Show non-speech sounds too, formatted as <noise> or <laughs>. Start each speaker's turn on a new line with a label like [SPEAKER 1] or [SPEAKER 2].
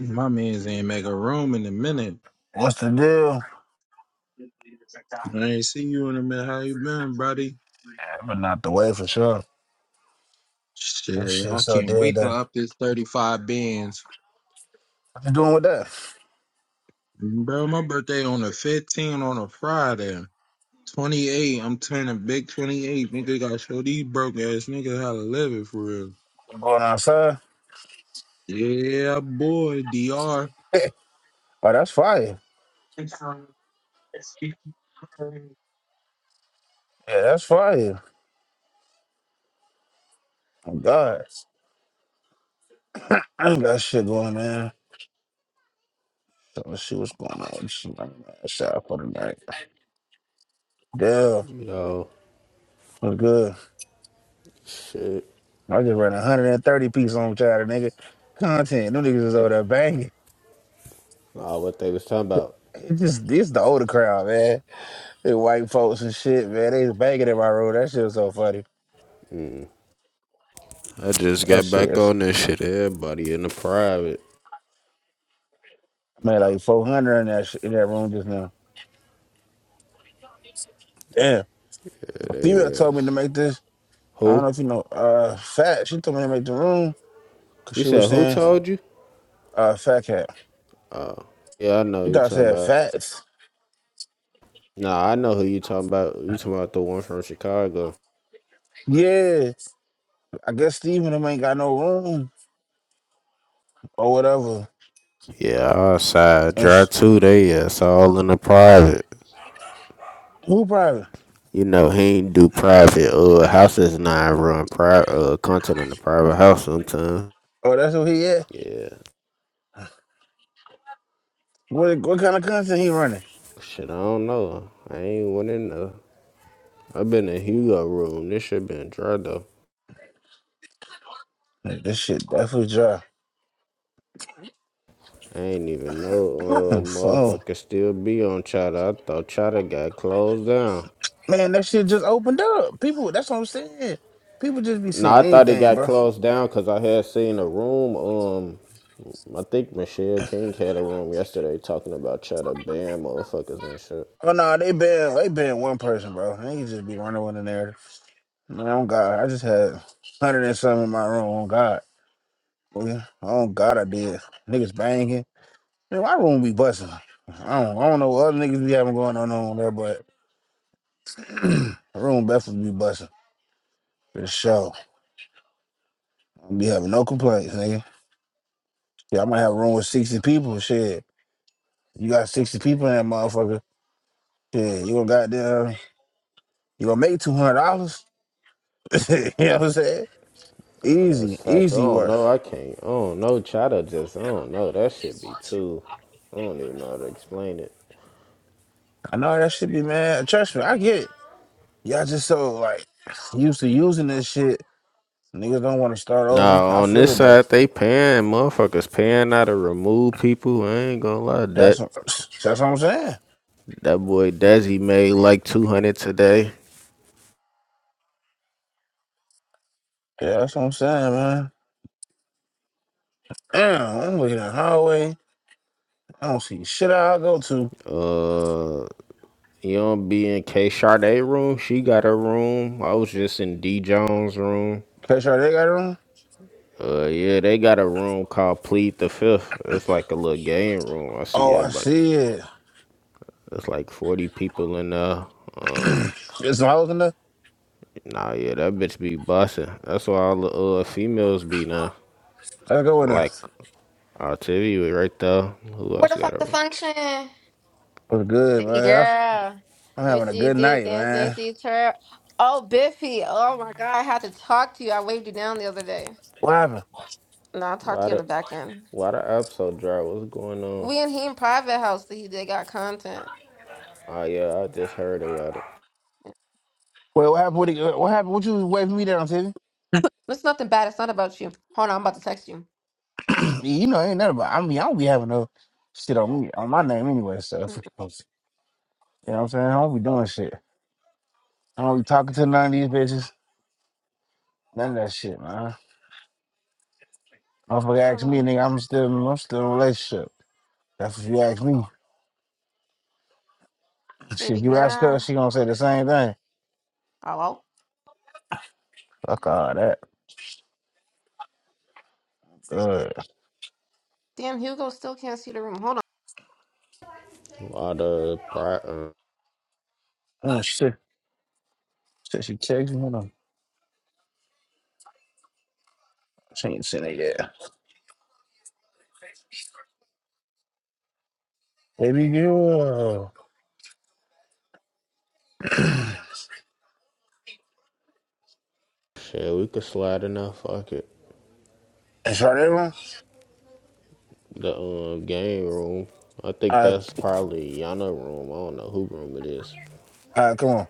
[SPEAKER 1] My man's ain't make a room in a minute.
[SPEAKER 2] What's the deal?
[SPEAKER 1] I ain't seen you in a minute. How you been, buddy?
[SPEAKER 2] But not the way for sure. This
[SPEAKER 1] Shit,
[SPEAKER 2] shit
[SPEAKER 1] I
[SPEAKER 2] so
[SPEAKER 1] can't
[SPEAKER 2] dead
[SPEAKER 1] wait to
[SPEAKER 2] though.
[SPEAKER 1] up this 35 bands.
[SPEAKER 2] What you doing with that?
[SPEAKER 1] Bro, my birthday on the fifteenth on a Friday. 28, I'm turning big 28. Nigga, gotta show these broke ass niggas how to live it for real.
[SPEAKER 2] You going outside?
[SPEAKER 1] Yeah, boy, DR.
[SPEAKER 2] Oh, that's fire. Yeah, that's fire. Oh, God. <clears throat> I ain't got shit going, man. So let's see what's going on. Let's see what I got Shot for the night. Damn,
[SPEAKER 3] Yo,
[SPEAKER 2] what's good?
[SPEAKER 3] shit.
[SPEAKER 2] I just ran 130 piece on Chatter, nigga. Content. Them niggas is over there banging.
[SPEAKER 3] Nah, what they was talking about.
[SPEAKER 2] It's just this the older crowd, man. They white folks and shit, man. They was banging in my room. That shit was so funny.
[SPEAKER 3] I just
[SPEAKER 2] That
[SPEAKER 3] got back
[SPEAKER 2] shit.
[SPEAKER 3] on this shit. Everybody in the private.
[SPEAKER 2] I made like 400 in that, sh- in that room just now. Damn.
[SPEAKER 3] There
[SPEAKER 2] A
[SPEAKER 3] they
[SPEAKER 2] female told me to
[SPEAKER 3] is.
[SPEAKER 2] make this. I don't
[SPEAKER 3] Who?
[SPEAKER 2] know if you know, uh, fat. She told me to make the room because
[SPEAKER 3] You
[SPEAKER 2] she was
[SPEAKER 3] said who
[SPEAKER 2] saying,
[SPEAKER 3] told you?
[SPEAKER 2] uh, fat cat.
[SPEAKER 3] Yeah, I know
[SPEAKER 2] You
[SPEAKER 3] who you
[SPEAKER 2] thought I
[SPEAKER 3] talking
[SPEAKER 2] said
[SPEAKER 3] about.
[SPEAKER 2] fats?
[SPEAKER 3] Nah, I know who you talking about. You talking about the one from Chicago.
[SPEAKER 2] Yeah. I guess Steven them ain't got no room or whatever.
[SPEAKER 3] Yeah, outside.
[SPEAKER 2] And
[SPEAKER 3] Drive
[SPEAKER 2] s-
[SPEAKER 3] two, they is. All in the private.
[SPEAKER 2] who private?
[SPEAKER 3] You know, he ain't do private uh houses not run private uh content in the private house sometimes.
[SPEAKER 2] Oh, that's who he at.
[SPEAKER 3] Yeah.
[SPEAKER 2] What, what kind of content he running?
[SPEAKER 3] Shit, I don't know. I ain't went in there. I've been in Hugo room. This shit been dry though.
[SPEAKER 2] Man, This shit definitely dry.
[SPEAKER 3] I ain't even know uh
[SPEAKER 2] <clears throat> Phone.
[SPEAKER 3] motherfucker still be on Chatter. I thought Chatter got closed down.
[SPEAKER 2] Man, that shit just opened up. People, that's what I'm saying. People just be
[SPEAKER 3] No,
[SPEAKER 2] saying
[SPEAKER 3] I thought it
[SPEAKER 2] anything,
[SPEAKER 3] got
[SPEAKER 2] bro.
[SPEAKER 3] closed down because I had seen a room. Um, I think Michelle King had a room yesterday talking about Chatter ban motherfuckers and shit.
[SPEAKER 2] Oh no, they been they been one person, bro. They can just be running with the narrative. Man, oh God, I just had hundred and something in my room. Oh God, Boy, oh God, I did. Niggas banging. Man, my room be busting. I don't, I don't know what other niggas be having going on over there, but <clears throat> my room definitely be busting for the show. I be having no complaints, nigga. Yeah, I might have a room with sixty people. Shit, you got sixty people in that motherfucker. Shit, you gonna goddamn, you gonna make two hundred dollars? <laughs> You know what I'm saying?
[SPEAKER 3] Oh, that's
[SPEAKER 2] Easy,
[SPEAKER 3] facts. I
[SPEAKER 2] easy
[SPEAKER 3] don't
[SPEAKER 2] work.
[SPEAKER 3] know. I can't. I don't know. Chatter just. I don't know. That shit be too. I don't even know how to explain it.
[SPEAKER 2] I know that should be, man. Trust me, I get it. Y'all just so like used to using this shit. Niggas don't want to start over.
[SPEAKER 3] Nah,
[SPEAKER 2] I
[SPEAKER 3] on
[SPEAKER 2] feel
[SPEAKER 3] this
[SPEAKER 2] it though.
[SPEAKER 3] side they paying motherfuckers paying out to remove people. I ain't gonna lie,
[SPEAKER 2] That's
[SPEAKER 3] that
[SPEAKER 2] what, that's what I'm saying.
[SPEAKER 3] that boy Desi made like two hundred today.
[SPEAKER 2] Yeah, that's what I'm saying, man. Damn, I'm looking at the highway. I don't see shit I go to.
[SPEAKER 3] Uh, you don't be in K Sade room. She got a room. I was just in D Jones room.
[SPEAKER 2] Catch how they got it on.
[SPEAKER 3] Uh, yeah, they got a room called Plead the Fifth. It's like a little game room. I see
[SPEAKER 2] Oh, I
[SPEAKER 3] everybody.
[SPEAKER 2] see it.
[SPEAKER 3] It's like forty people in there. Uh,
[SPEAKER 2] <clears throat> There's some hoes in there.
[SPEAKER 3] nah, yeah, that bitch be busting. That's why all the uh females be now.
[SPEAKER 2] I go in there.
[SPEAKER 3] Like Uh, TV was right there. Who
[SPEAKER 4] Where
[SPEAKER 3] else
[SPEAKER 4] the
[SPEAKER 3] got
[SPEAKER 4] fuck the
[SPEAKER 3] a
[SPEAKER 4] function?
[SPEAKER 2] What's good,
[SPEAKER 4] Baby
[SPEAKER 2] man?
[SPEAKER 4] girl.
[SPEAKER 2] I'm
[SPEAKER 4] Let me
[SPEAKER 2] having a
[SPEAKER 4] see you
[SPEAKER 2] good
[SPEAKER 4] do the
[SPEAKER 2] night,
[SPEAKER 4] dance. Let me
[SPEAKER 2] man.
[SPEAKER 4] see you twirl. Oh, Biffy. Oh my God. I had to talk to you. I waved you down the other day.
[SPEAKER 2] What happened?
[SPEAKER 4] No, I'll talk to you
[SPEAKER 3] lot
[SPEAKER 4] on the
[SPEAKER 3] of
[SPEAKER 4] back end.
[SPEAKER 3] lot of apps so dry? What's going on?
[SPEAKER 4] We and he in private house. See, they got content.
[SPEAKER 3] Oh yeah, I just heard about it.
[SPEAKER 2] Wait, what happened? What, what happened? What you waving me down, T?
[SPEAKER 4] It's nothing bad. It's not about you. Hold on. I'm about to text you.
[SPEAKER 2] <clears throat> you know, ain't nothing about. I mean, I don't be having no shit on me on my name anyway. So <laughs> you
[SPEAKER 4] Mm,
[SPEAKER 2] know what I'm saying? I don't be doing shit. I don't be talking to none of these bitches. None of that shit, man. Motherfucker
[SPEAKER 4] Hold
[SPEAKER 2] ask me,
[SPEAKER 4] on.
[SPEAKER 2] nigga, I'm still I'm still in a relationship. That's what you ask me.
[SPEAKER 4] Baby
[SPEAKER 2] Shit, you ask her,
[SPEAKER 4] girl.
[SPEAKER 2] she gonna say the same thing.
[SPEAKER 4] Hello?
[SPEAKER 2] Fuck all that. Uh,
[SPEAKER 4] Damn, Hugo still can't see the room. Hold
[SPEAKER 3] A lot of pri- uh,
[SPEAKER 2] uh, she said she said she text me. Hold on. She ain't seen it yet. Baby girl.
[SPEAKER 3] shit. We could slide in that fuck it.
[SPEAKER 2] Is that everyone?
[SPEAKER 3] The um, game room. I
[SPEAKER 2] All
[SPEAKER 3] think
[SPEAKER 2] right,
[SPEAKER 3] that's probably Yana room. I don't know who room it is.
[SPEAKER 2] all right, come on.